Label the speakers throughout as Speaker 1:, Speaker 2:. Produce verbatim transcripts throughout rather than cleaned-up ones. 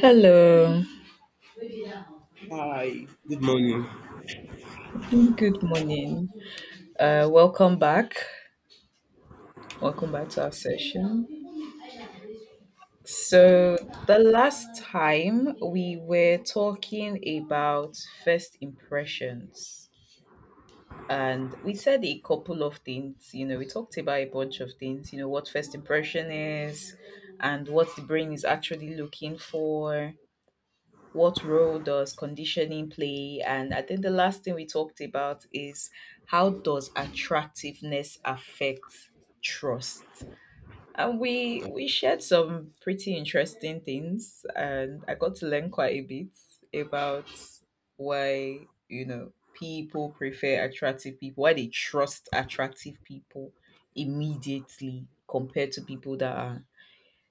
Speaker 1: Hello,
Speaker 2: Hi, good morning.
Speaker 1: good morning. Uh, welcome back. Welcome back to our session. So, the last time we were talking about first impressions, and we said a couple of things. You know, we talked about a bunch of things, you know, what first impression is and what the brain is actually looking for, what role does conditioning play? And I think the last thing we talked about is how does attractiveness affect trust? And we we shared some pretty interesting things, and I got to learn quite a bit about why, you know people prefer attractive people, why they trust attractive people immediately compared to people that are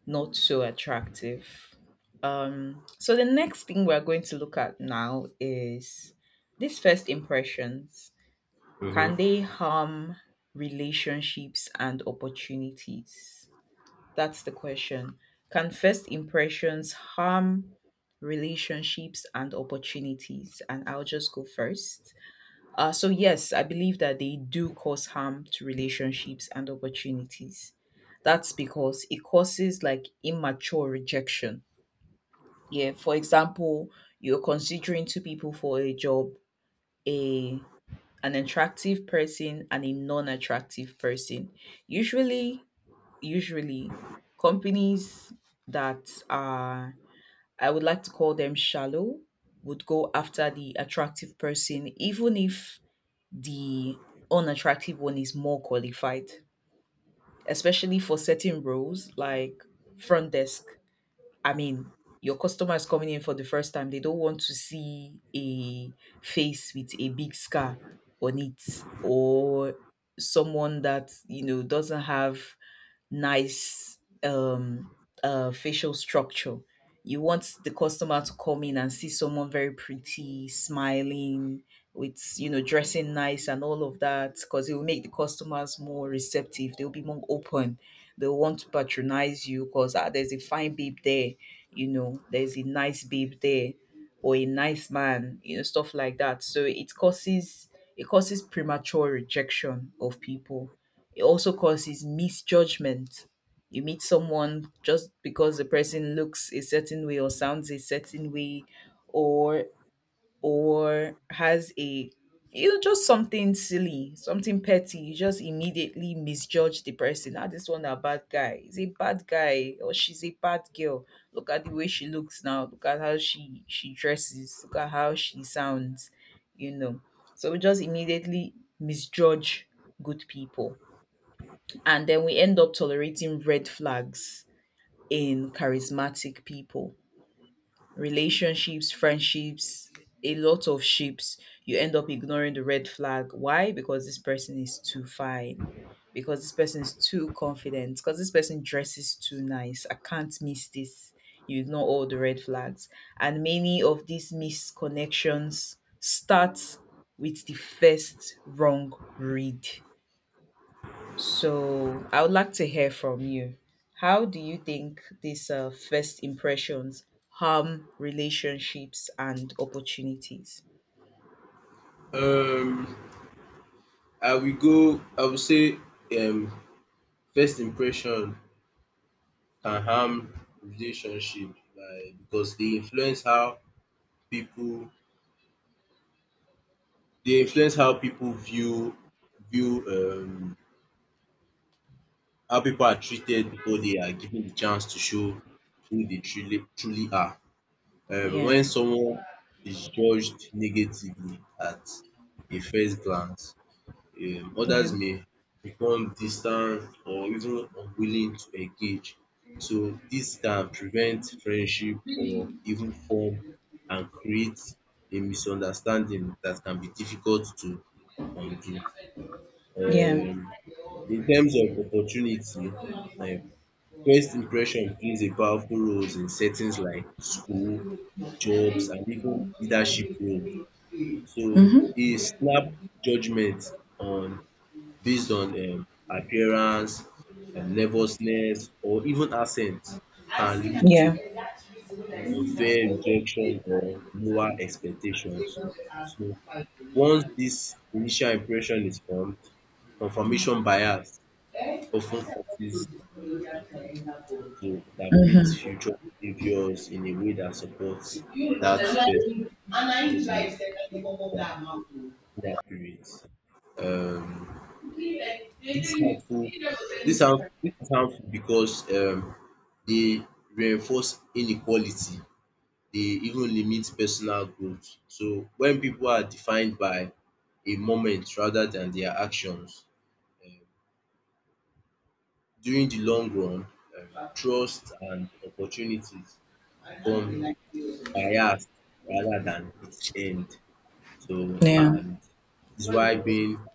Speaker 1: not so attractive. Um, so the next thing we're going to look at now is these first impressions. Can
Speaker 2: Mhm.
Speaker 1: they harm relationships and opportunities? That's the question. Can first impressions harm relationships and opportunities? And I'll just go first. Uh, so, yes, I believe that they do cause harm to relationships and opportunities. That's because it causes like immature rejection. Yeah, for example, you're considering two people for a job, a an attractive person and a non-attractive person. Usually, usually companies that are, I would like to call them shallow, would go after the attractive person even if the unattractive one is more qualified, especially for certain roles like front desk. I mean, your customer is coming in for the first time, they don't want to see a face with a big scar on it, or someone that, you know, doesn't have nice um uh facial structure. You want the customer to come in and see someone very pretty, smiling, with, you know, dressing nice and all of that, because it will make the customers more receptive. They'll be more open. They'll want to patronize you because ah, there's a fine babe there, you know, there's a nice babe there, or a nice man, you know, stuff like that. So it causes it causes premature rejection of people. It also causes misjudgment. You meet someone just because the person looks a certain way or sounds a certain way, or or has a, you know, just something silly, something petty, you just immediately misjudge the person. Ah, this one a bad guy. He's a bad guy or she's a bad girl. Look at the way she looks now. Look at how she she dresses. Look at how she sounds. You know, so we just immediately misjudge good people, and then we end up tolerating red flags in charismatic people, relationships, friendships, a lot of ships. You end up ignoring the red flag. Why? Because this person is too fine. Because this person is too confident. Because this person dresses too nice. I can't miss this. You ignore all the red flags. And many of these misconnections start with the first wrong read. So I would like to hear from you. How do you think these uh, first impressions harm relationships and opportunities?
Speaker 2: Um, I will go. I will say, um, first impression can harm relationship by because they influence how people they influence how people view view um how people are treated before they are given the chance to show who they truly truly are. Um,
Speaker 1: Yeah,
Speaker 2: when someone is judged negatively at a first glance, um others
Speaker 1: yeah,
Speaker 2: may become distant or even unwilling to engage. So this can prevent friendship or even form and create a misunderstanding that can be difficult to undo.
Speaker 1: yeah.
Speaker 2: um In terms of opportunity, um first impression plays a powerful role in settings like school, jobs and even leadership roles. So
Speaker 1: Mm-hmm.
Speaker 2: a snap judgement on based on um appearance, um nervousness or even accent can lead to
Speaker 1: Yeah,
Speaker 2: an unfair rejection or lower expectations. So once this initial impression is formed, confirmation bias often causes um pipu to interpret future behaviours in a way that supports that first judgement dat inaccurate. um This harmful this harm this is harmful because um dey reinforce inequality. They even limit personal growth. So when people are defined by a moment rather than their actions um during the long run, um trust and opportunities become biased rather than its end. So
Speaker 1: yeah,
Speaker 2: and is why being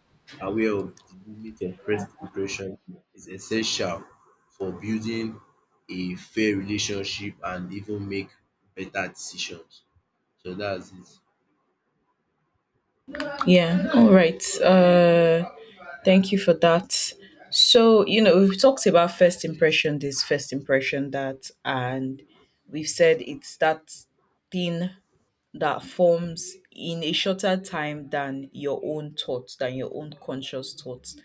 Speaker 2: aware of the limit of first impression is essential for building a fair relationship and even make better decisions. So that's it.
Speaker 1: yeah, all right. Uh, thank you for that. So, you know, we've talked about first impression, this first impression, that, and we've said it's that thing that forms in a shorter time than your own thoughts, than your own conscious thoughts.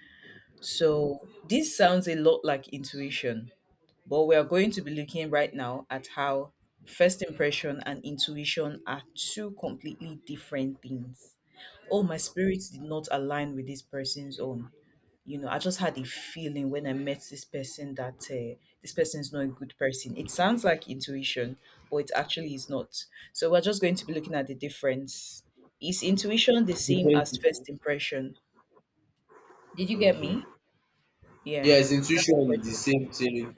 Speaker 1: So, this sounds a lot like intuition, but we are going to be looking right now at how first impression and intuition are two completely different things. Oh, my spirit did not align with this person's own. You know, I just had a feeling when I met this person that, uh, this person is not a good person. It sounds like intuition, but it actually is not. So we're just going to be looking at the difference. Is intuition the same
Speaker 2: Different
Speaker 1: as
Speaker 2: people.
Speaker 1: first impression? Did you get
Speaker 2: Okay.
Speaker 1: me? Yeah,
Speaker 2: Yes,
Speaker 1: that's the
Speaker 2: intuition is the
Speaker 1: question.
Speaker 2: same thing.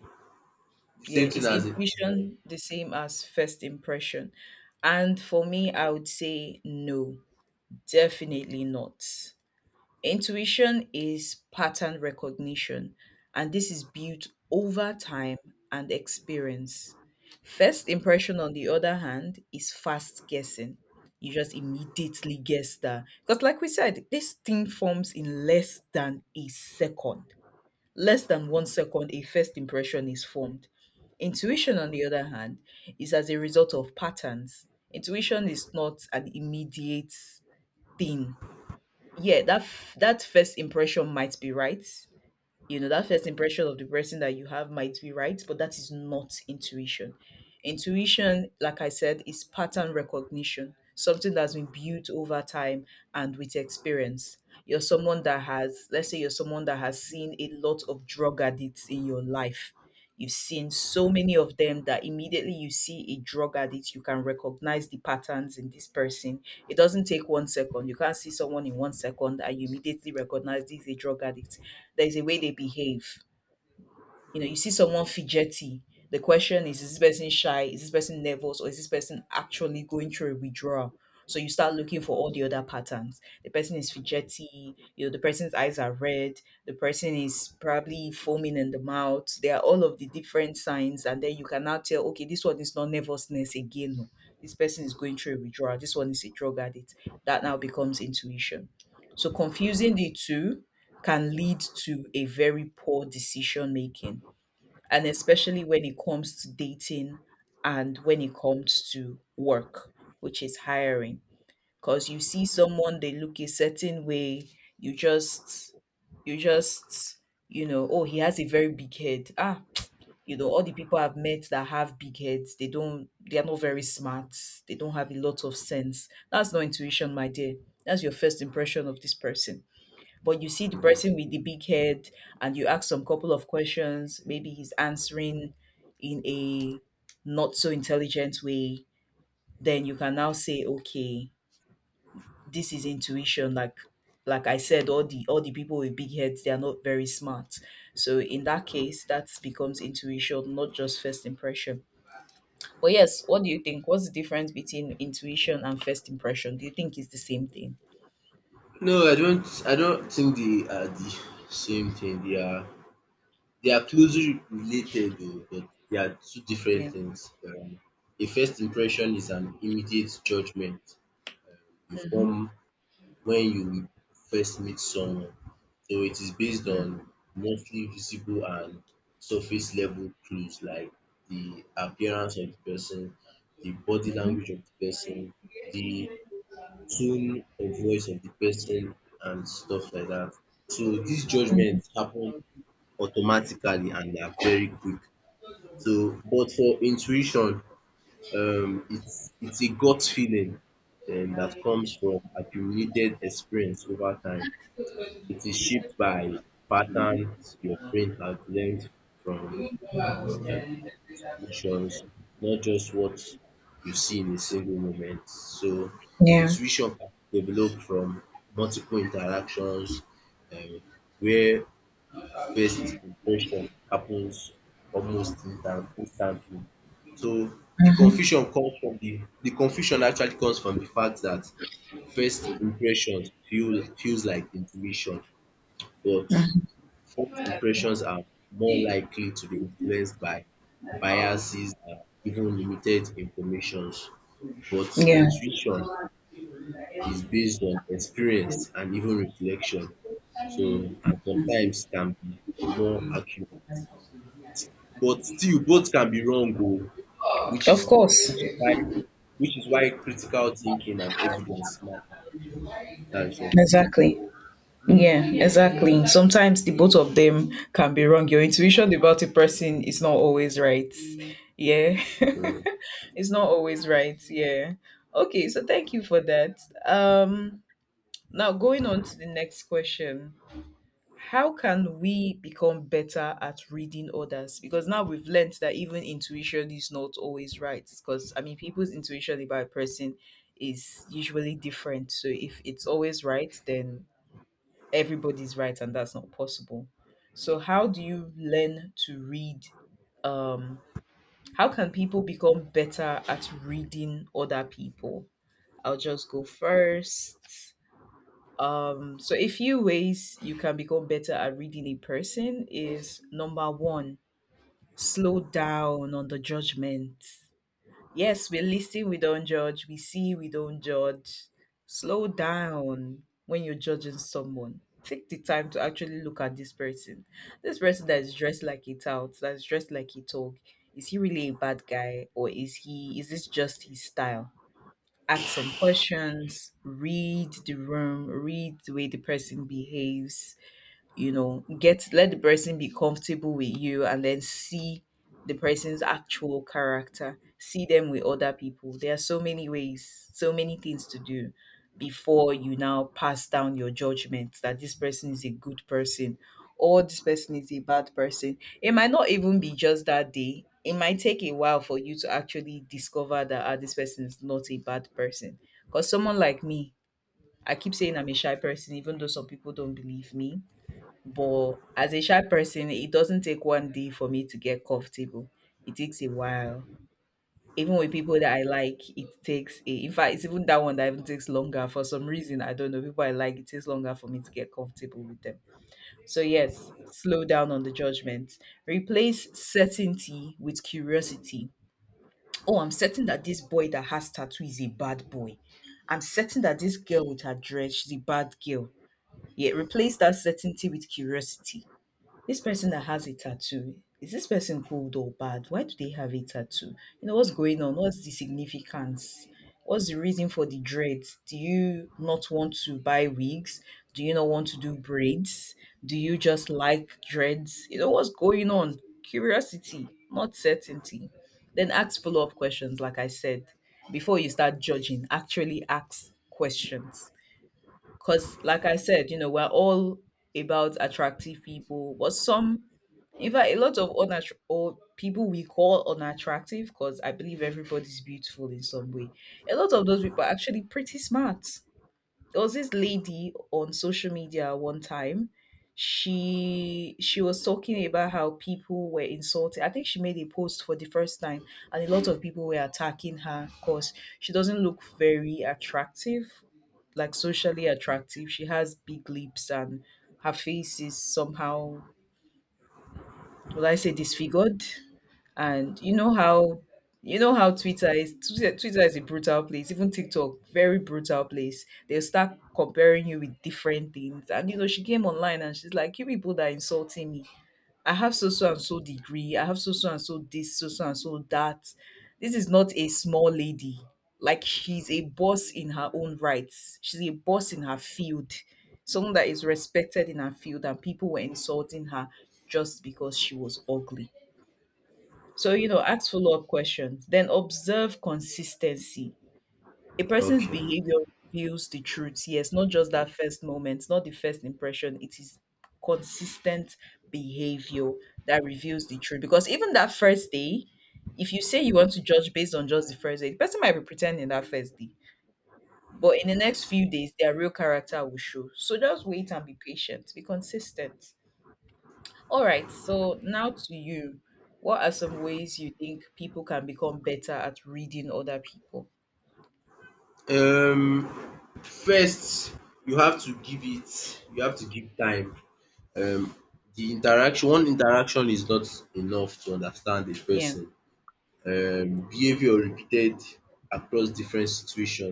Speaker 2: The
Speaker 1: Yeah,
Speaker 2: same thing
Speaker 1: is
Speaker 2: as it. um,
Speaker 1: intuition the same as first impression? And for me, I would say no, definitely not. Intuition is pattern recognition, and this is built over time and experience. First impression, on the other hand, is fast guessing. You just immediately guess that. Because, like we said, this thing forms in less than a second. Less than one second, a first impression is formed. Intuition, on the other hand, is as a result of patterns. Intuition is not an immediate thing. Yeah, that f- that first impression might be right, you know, that first impression of the person that you have might be right, but that is not intuition. Intuition, like I said, is pattern recognition, something that's been built over time and with experience. You're someone that has, let's say you're someone that has seen a lot of drug addicts in your life, you've seen so many of them that immediately you see a drug addict, you can recognize the patterns in this person. It doesn't take one second. You can't see someone in one second and you immediately recognize this is a drug addict. There's a way they behave. You know, you see someone fidgety. The question is, is this person shy? Is this person nervous? Or is this person actually going through a withdrawal? So you start looking for all the other patterns. The person is fidgety, you know, the person's eyes are red, the person is probably foaming in the mouth. There are all of the different signs, and then you can now tell, okay, this one is not nervousness again. No. This person is going through a withdrawal. This one is a drug addict. That now becomes intuition. So confusing the two can lead to a very poor decision making, and especially when it comes to dating and when it comes to work, which is hiring. Because you see someone, they look a certain way, you just, you just, you know, oh, he has a very big head. Ah, you know, all the people I've met that have big heads, they don't, they are not very smart, they don't have a lot of sense. That's not intuition, my dear. That's your first impression of this person. But you see the person with the big head and you ask some couple of questions, maybe he's answering in a not so intelligent way, then you can now say, okay, this is intuition. like like I said, all the all the people with big heads, they are not very smart. So in that case, that becomes intuition, not just first impression. But yes, what do you think? What's the difference between intuition and first impression? Do you think it's the same thing?
Speaker 2: No, I don't. I don't think they are the same thing. They are they are closely related, though, but they are two different
Speaker 1: Yeah.
Speaker 2: things. Um, a first impression is an immediate judgment,
Speaker 1: Hmm.
Speaker 2: from when you first meet someone. So it is based on mostly visible and surface level clues like the appearance of the person, the body language of the person, the tone of voice of the person, and stuff like that. So these judgments happen automatically and they are very quick. So, but for intuition, um, it's it's a gut feeling um, that comes from accumulated experience over time. It is shaped by patterns your brain has learned from situations, not just what you see in a single moment. So
Speaker 1: Yeah.
Speaker 2: intuition can develop from multiple interactions um, where first impression happens almost instant instantly. So the confusion comes from the the confusion actually comes from the fact that first impressions feel feels like intuition, but
Speaker 1: Mm.
Speaker 2: first impressions are more likely to be influenced by biases and even limited informations. But
Speaker 1: Yeah.
Speaker 2: intuition is based on experience and even reflection. So and sometimes can be more accurate. But still both can be wrong oh, which
Speaker 1: Of
Speaker 2: is
Speaker 1: course.
Speaker 2: which is why which is why critical thinking and evidence matter. That's all.
Speaker 1: Exactly. Yeah, exactly. Sometimes the both of them can be wrong. Your intuition about a person is not always right. Yeah.
Speaker 2: Hmm.
Speaker 1: It's not always right. Yeah. Okay, so thank you for that. Um Now going on to the next question. How can we become better at reading others? Because now we've learned that even intuition is not always right. Because I mean people's intuition about a person is usually different. So if it's always right, then everybody's right, and that's not possible. So how do you learn to read, um how can people become better at reading other people? I'll just go first. Um so a few ways you can become better at reading a person is, number one, slow down on the judgment. Yes, we listen, we don't judge. We see, we don't judge. Slow down when you're judging someone. Take the time to actually look at this person. This person that is dressed like a tout, that's dressed like a dog. Is he really a bad guy, or is he is this just his style? Ask some questions, read the room, read the way the person behaves, you know, get, let the person be comfortable with you, and then see the person's actual character, see them with other people. There are so many ways, so many things to do before you now pass down your judgment that this person is a good person or this person is a bad person. It might not even be just that day, it might take a while for you to actually discover that, ah, this person is not a bad person. Because someone like me, I keep saying I'm a shy person, even though some people don't believe me, but as a shy person, it doesn't take one day for me to get comfortable. It takes a while. Even with people that I like, it takes a. In fact, it's even that one that even takes longer for some reason. I don't know. People I like, it takes longer for me to get comfortable with them. So yes, slow down on the judgment. Replace certainty with curiosity. Oh, I'm certain that this boy that has tattoo is a bad boy. I'm certain that this girl with her dress, she's a bad girl. Yeah, replace that certainty with curiosity. This person that has a tattoo, is this person good or bad? Why do they have a tattoo? You know, what's going on? What's the significance? What's the reason for the dreads? Do you not want to buy wigs? Do you not want to do braids? Do you just like dreads? You know, what's going on? Curiosity, not certainty. Then ask follow up questions, like I said. Before you start judging, actually ask questions, because, like I said, you know, we're all about attractive people, but some, in fact, a lot of unattra- or people we call unattractive, because I believe everybody's beautiful in some way. A lot of those people are actually pretty smart. There was this lady on social media one time. She she was talking about how people were insulted. I think she made a post for the first time, and a lot of people were attacking her because she doesn't look very attractive, like socially attractive. She has big lips and her face is somehow, will I say, disfigured? And you know how you know how Twitter is. Twitter, Twitter is a brutal place. Even TikTok, very brutal place. They'll start comparing you with different things. And you know, she came online and she's like, "You people that are insulting me. I have so so and so degree. I have so so and so this, so so and so that. This is not a small lady. Like, she's a boss in her own rights. She's a boss in her field. Someone that is respected in her field, and people were insulting her just because she was ugly." So, you know, ask follow up questions, then observe consistency. A person's
Speaker 2: Okay.
Speaker 1: behavior reveals the truth. Yes, not just that first moment, not the first impression. It is consistent behavior that reveals the truth. Because even that first day, if you say you want to judge based on just the first day, the person might be pretending that first day. But in the next few days, their real character will show. So just wait and be patient, be consistent. All right, so now to you. What are some ways you think people can become better at reading other people?
Speaker 2: Um first you have to give it you have to give time. Um the interaction one interaction is not enough to understand a
Speaker 1: Yeah,
Speaker 2: person. Um behaviour repeated across different situation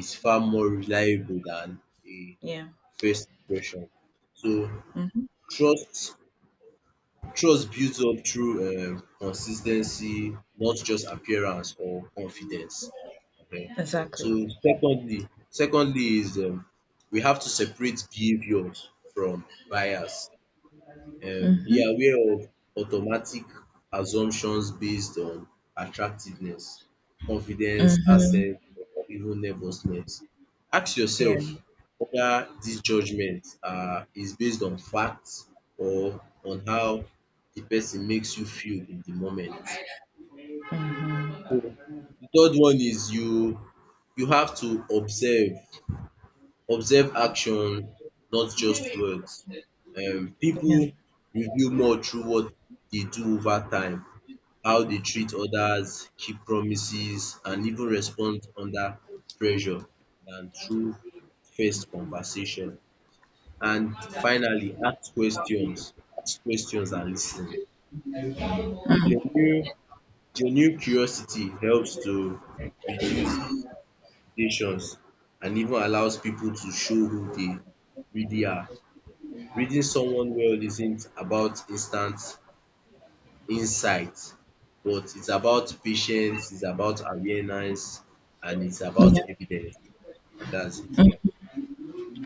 Speaker 2: is far more reliable than a
Speaker 1: yeah,
Speaker 2: first impression. So
Speaker 1: hmm,
Speaker 2: trust Trust builds up through um consis not just appearance or confidence. Okay. So
Speaker 1: exactly.
Speaker 2: secondly secondly is um we have to separate behaviours from bias um be
Speaker 1: Mm-hmm,
Speaker 2: aware of automatic assumptions based on attractiveness, confidence,
Speaker 1: mm-hmm.
Speaker 2: access or even nervousness. Ask
Speaker 1: Yeah,
Speaker 2: yourself whether this judgement um is based on facts or on how the person makes you feel in the moment. The third one is you you have to observe, observe action not just words. Um Pipu
Speaker 1: yeah,
Speaker 2: reveal more through what they do over time how they treat others, keep promises, and even respond under pressure than through first conversation. And finally, ask questions. Ask questions and listen. Um, genuine genuine curiosity helps to reduce irritations and even allows people to show who they really are. Reading someone well isn't about instant insight, but it's about patience, it's about awareness, and it's about
Speaker 1: yeah,
Speaker 2: evidence. And that's it, yeah.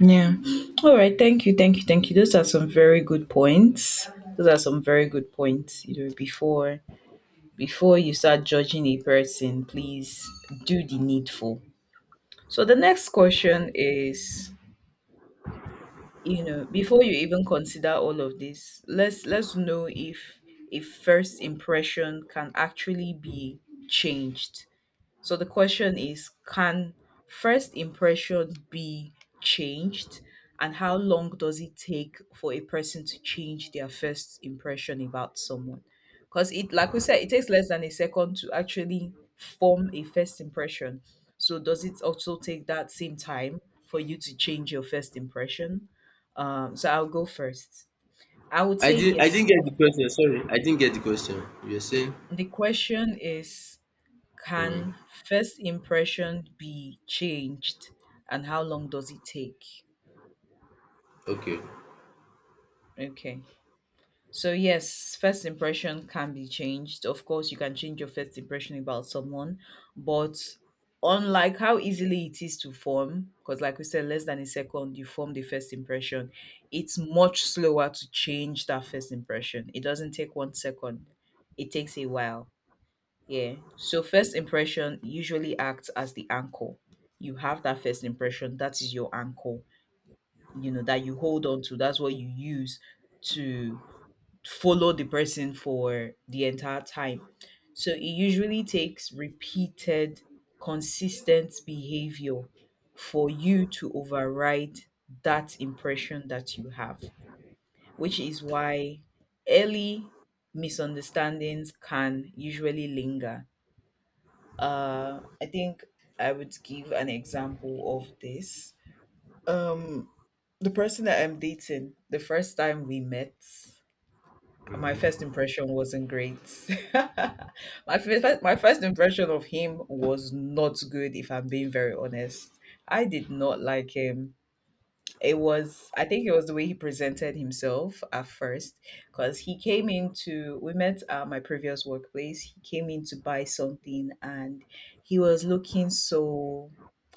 Speaker 1: yeah. All right, thank you, thank you, thank you. Those are some very good points. Those are some very good points. You know, before before you start judging a person, please do the needful. So the next question is, you know before you even consider all of this, let's let's know if if first impression can actually be changed. So the question is, can first impression be changed, and how long does it take for a person to change their first impression about someone? Cuz, it, like we said, it takes less than a second to actually form a first impression. So does it also take that same time for you to change your first impression? Um so I'll go first. I would
Speaker 2: I
Speaker 1: say
Speaker 2: didn't I
Speaker 1: yes.
Speaker 2: didn't get the question, sorry. I didn't get the question. You're saying?
Speaker 1: The question is,
Speaker 2: Hmm,
Speaker 1: can first impression be changed and how long does it take?
Speaker 2: okay.
Speaker 1: Okay. So yes, first impression can be changed. Of course, you can change your first impression about someone, but unlike how easily it is to form, because, like we said, less than a second you form the first impression, it's much slower to change that first impression. It doesn't take one second. It takes a while. Yeah. So first impression usually acts as the anchor. You have that first impression, that is your anchor, you know, that you hold on to. That's what you use to follow the person for the entire time. So it usually takes repeated, consistent behavior for you to override that impression that you have, which is why early misunderstandings can usually linger. uh, I think I would give an example of this. Um, the person that I'm dating, the first time we met, my first impression wasn't great. my first, my first impression of him was not good. If I'm being very honest, I did not like him. It was, I think, it was the way he presented himself at first, because he came in to we met at my previous workplace. He came in to buy something, and he was looking so,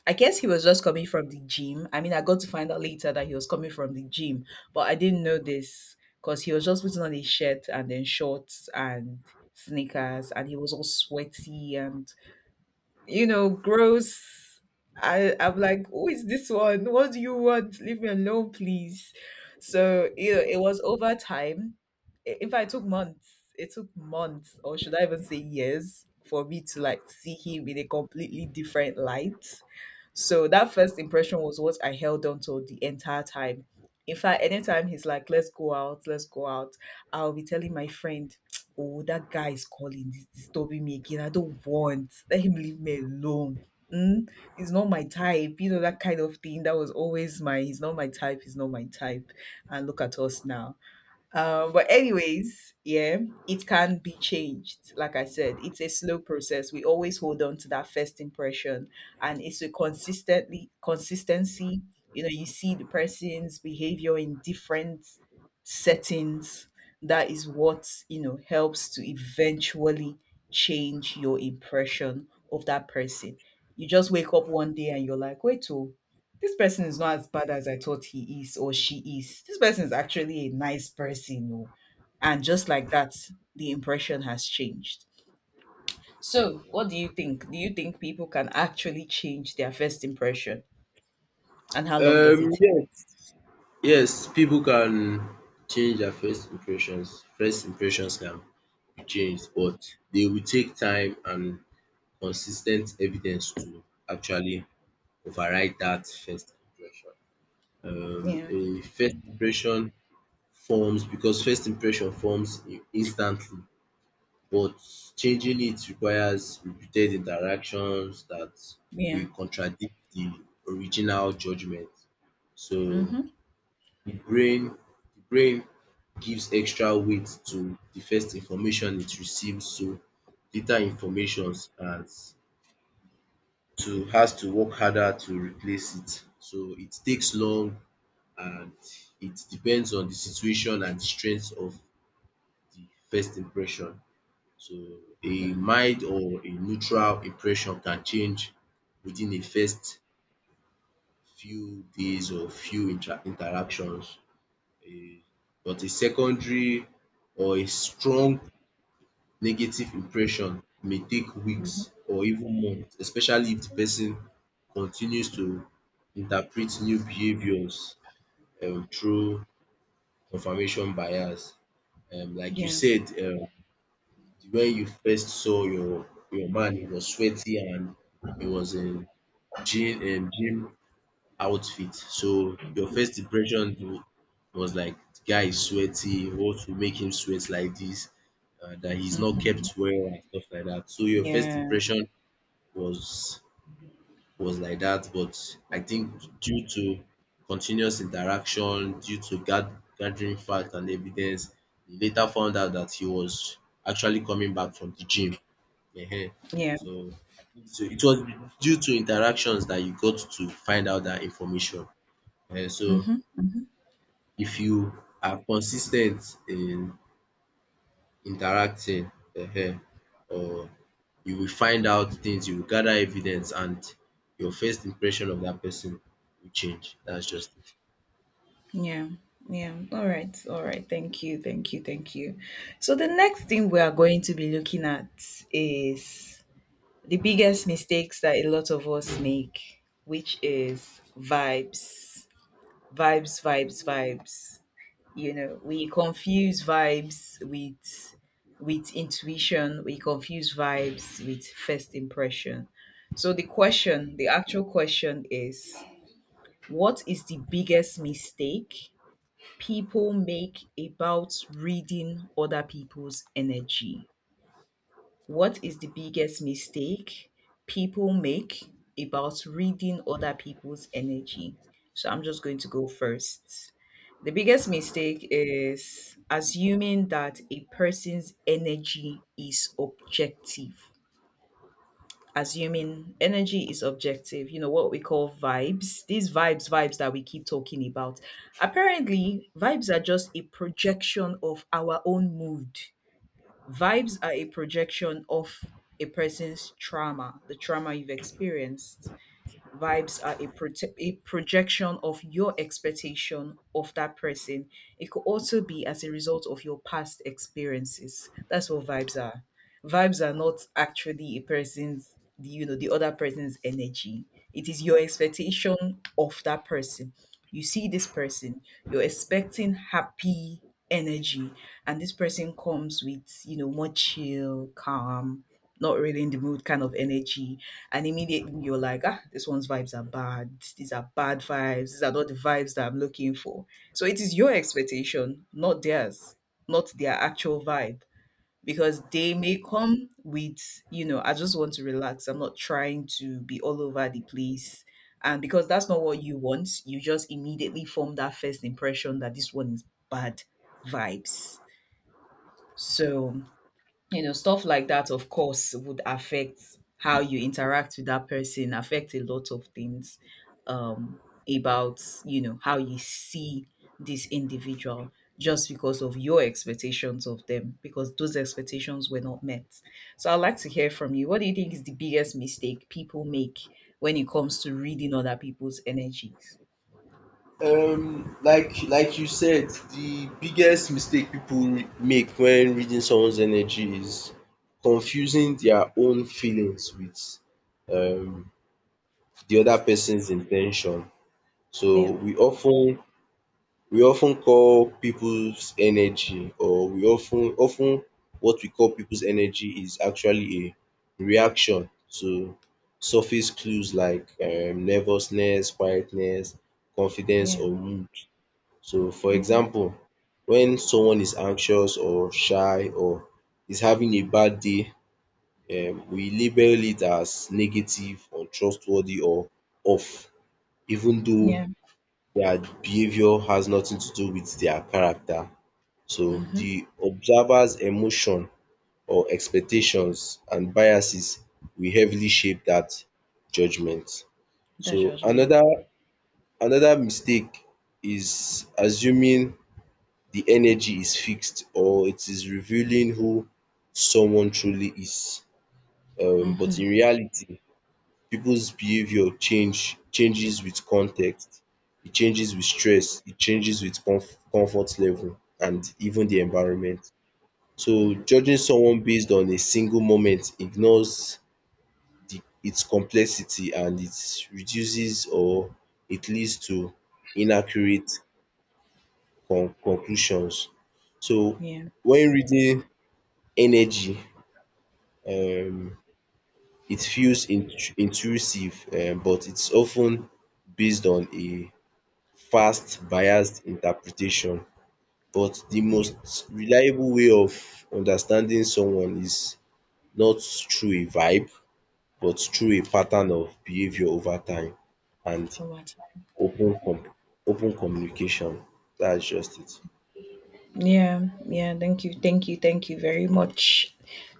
Speaker 1: I guess he was just coming from the gym. I mean, I got to find out later that he was coming from the gym, but I didn't know this, because he was just putting on his shirt and then shorts and sneakers, and he was all sweaty and, you know, gross. I, I'm like, who is this one? What do you want? Leave me alone, please. So, you know, it was over time. I- In fact, it took months. It took months, or should I even say years, for me to like see him in a completely different light. So that first impression was what I held on to the entire time. In fact, anytime he's like, let's go out, let's go out, I'll be telling my friend, oh, that guy is calling, he's disturbing me again. I don't want. Let him leave me alone. Mm? He's not my type. You know, that kind of thing. That was always my, he's not my type, he's not my type. And look at us now. Um, but anyways, yeah, it can be changed. Like I said, it's a slow process. We always hold on to that first impression, and it's a consistently consistency. You know, you see the person's behavior in different settings. That is what you know helps to eventually change your impression of that person. You just wake up one day and you're like, wait, oh, this person is not as bad as I thought he is or she is. This person is actually a nice person. Oh." And just like that, the impression has changed. So, what do you think? Do you think people can actually change their first impression? And how long does
Speaker 2: Um
Speaker 1: it take?
Speaker 2: yes, yes, people can change their first impressions. First impressions can be changed, but they will take time and consistent evidence to actually override that first impression. Um,
Speaker 1: Yeah.
Speaker 2: a first impression forms because first impression forms in- instantly but changing it requires repeated interactions that
Speaker 1: Yeah.
Speaker 2: will contradict the original judgment so
Speaker 1: Mm-hmm.
Speaker 2: the brain the brain gives extra weight to the first information it receives so later informations as to has to work harder to replace it so it takes long and it depends on the situation and the strength of the first impression. So a mild or a neutral impression can change within a first few days or few inter interactions. A but a secondary or a strong negative impression may take weeks or even months especially if the person continues to interpret new behaviours um through confirmation bias. Um like you
Speaker 1: Yeah.
Speaker 2: said um when you first saw your your man, he was sweaty and he was in gym um gym outfit. So your first impression you was like the guy is sweaty, what will make him sweat like this? And that he's not
Speaker 1: Mm-hmm.
Speaker 2: kept well and stuff like that. So your first
Speaker 1: Yeah.
Speaker 2: impression was was like that, but I think due to continuous interaction, due to gath- gathering fact and evidence, they later found out that he was actually coming back from the gym. Ehen.
Speaker 1: Yeah.
Speaker 2: So, so it was due to interactions that you got to find out that information. Ehen. So
Speaker 1: Mm-hmm. Mm-hmm.
Speaker 2: if you are consistent in interacting um or you will find out things, you will gather evidence and your first impression of that person will change. That's just it.
Speaker 1: Yeah. Yeah. All right. All right. Thank you. Thank you. Thank you. So, the next thing we are going to be looking at is the biggest mistakes that a lot of us make, which is vibes, vibes, vibes, vibes. You know, we confuse vibes with with intuition. We confuse vibes with first impression. So the question, the actual question, is, what is the biggest mistake people make about reading other people's energy? What is the biggest mistake people make about reading other people's energy? So I'm just going to go first. The biggest mistake is assuming that a person's energy is objective. Assuming energy is objective, you know, what we call vibes, these vibes, vibes that we keep talking about. Apparently, vibes are just a projection of our own mood. Vibes are a projection of a person's trauma, the trauma you've experienced. Vibes are a, prote- a projection of your expectation of that person. It could also be as a result of your past experiences. That's what vibes are. Vibes are not actually a person's, the- you know, the other person's energy. It is your expectation of that person. You see this person, you're expecting happy energy, and this person comes with, you know, more chill, calm, not really in the mood kind of energy, and immediately you're like, ah, this one's vibes are bad. These are bad vibes. These are not the vibes that I'm looking for. So it is your expectation, not theirs, not their actual vibe, because they may come with, you know, I just want to relax. I'm not trying to be all over the place. And because that's not what you want, you just immediately form that first impression that this one is bad vibes. So you know stuff like that, of course, would affect how you interact with that person, affect a lot of things, um about you know how you see this individual, just because of your expectations of them, because those expectations were not met. So I'd like to hear from you, what do you think is the biggest mistake people make when it comes to reading other people's energies?
Speaker 2: Um, like like you said, the biggest mistake people re- make when reading someone's energy is confusing their own feelings with um the other person's intention. So
Speaker 1: Yeah,
Speaker 2: we often we often call people's energy or we often often what we call people's energy is actually a reaction to surface clues like um nervousness, quietness, confidence
Speaker 1: yeah,
Speaker 2: or mood. So for
Speaker 1: hmm,
Speaker 2: example, when someone is anxious or shy or is having a bad day, um we label it as negative, untrustworthy or off even though
Speaker 1: yeah,
Speaker 2: their behavior has nothing to do with their character. So
Speaker 1: mm-hmm.
Speaker 2: the observer's emotion or expectations and biases will heavily shape that judgment.
Speaker 1: The
Speaker 2: So
Speaker 1: judgment.
Speaker 2: another another mistake is assuming the energy is fixed or it is revealing who someone truly is.
Speaker 1: Yeah,
Speaker 2: Um but
Speaker 1: mm-hmm.
Speaker 2: in reality people's behavior change changes with context, it changes with stress, it changes with comf- comfort level and even the
Speaker 1: Yeah,
Speaker 2: environment. So
Speaker 1: mm,
Speaker 2: judging someone based on a single moment ignores the its complexity and it reduces or it leads to inaccurate con- conclusions. So
Speaker 1: yeah,
Speaker 2: when reading energy, um it feels int- intrusive um but it's often based on a fast biased interpretation but the
Speaker 1: yeah.
Speaker 2: most reliable way of understanding someone is not through a vibe but through a pattern of behavior over time and
Speaker 1: Oh, what?
Speaker 2: open com- open communication. That's just it.
Speaker 1: Yeah, yeah, thank you, thank you, thank you very much.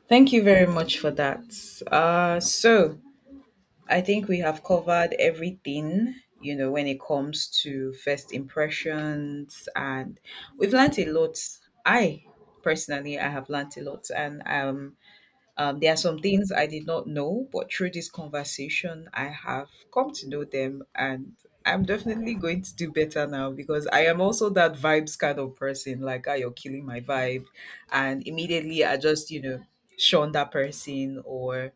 Speaker 1: Thank you very much for that. Uh, so I think we have covered everything, you know, when it comes to first impressions, and we've learnt a lot. I, personally, I have learnt a lot, and um, um, there are some things I did not know, but through this conversation, I have come to know them, and I'm definitely going to do better now, because I am also that vibes kind of person. Like, ah, you're killing my vibe, and immediately I just, you know, shun that person or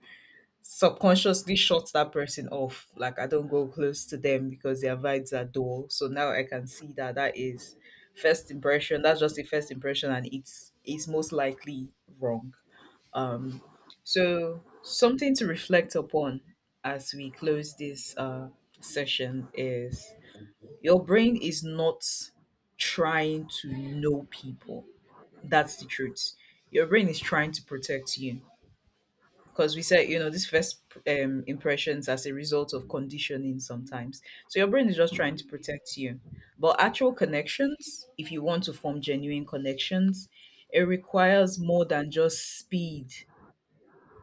Speaker 1: subconsciously shut that person off. Like, I don't go close to them because their vibes are dull. So now I can see that that is first impression. That's just the first impression, and it's it's most likely wrong. Um, so, something to reflect upon as we close this uh, session is, your brain is not trying to know people. That's the truth. Your brain is trying to protect you. Because we said, you know, these first um, impressions as a result of conditioning sometimes. So, your brain is just trying to protect you. But actual connections, if you want to form genuine connections, it requires more than just speed.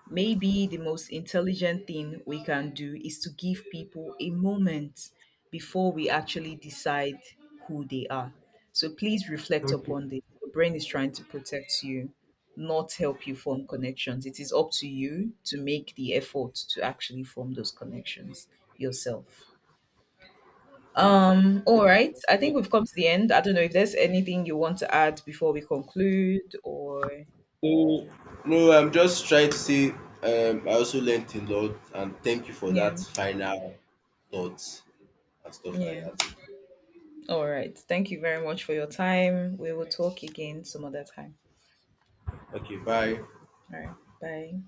Speaker 1: Maybe the most intelligent thing we can do is to give people a moment before we actually decide who they are. So please reflect
Speaker 2: Okay.
Speaker 1: upon this. Your brain is trying to protect you, not help you form connections. It is up to you to make the effort to actually form those connections yourself. Um, all right. I think we've come to the end. I don't know if there's anything you want to add before we conclude, or
Speaker 2: So no, I'm just trying to say um I also learned a lot and thank you for
Speaker 1: yeah,
Speaker 2: that final thoughts and stuff like
Speaker 1: yeah.
Speaker 2: that.
Speaker 1: All right. Thank you very much for your time. We will talk again some other time.
Speaker 2: Okay, bye.
Speaker 1: All right. Bye.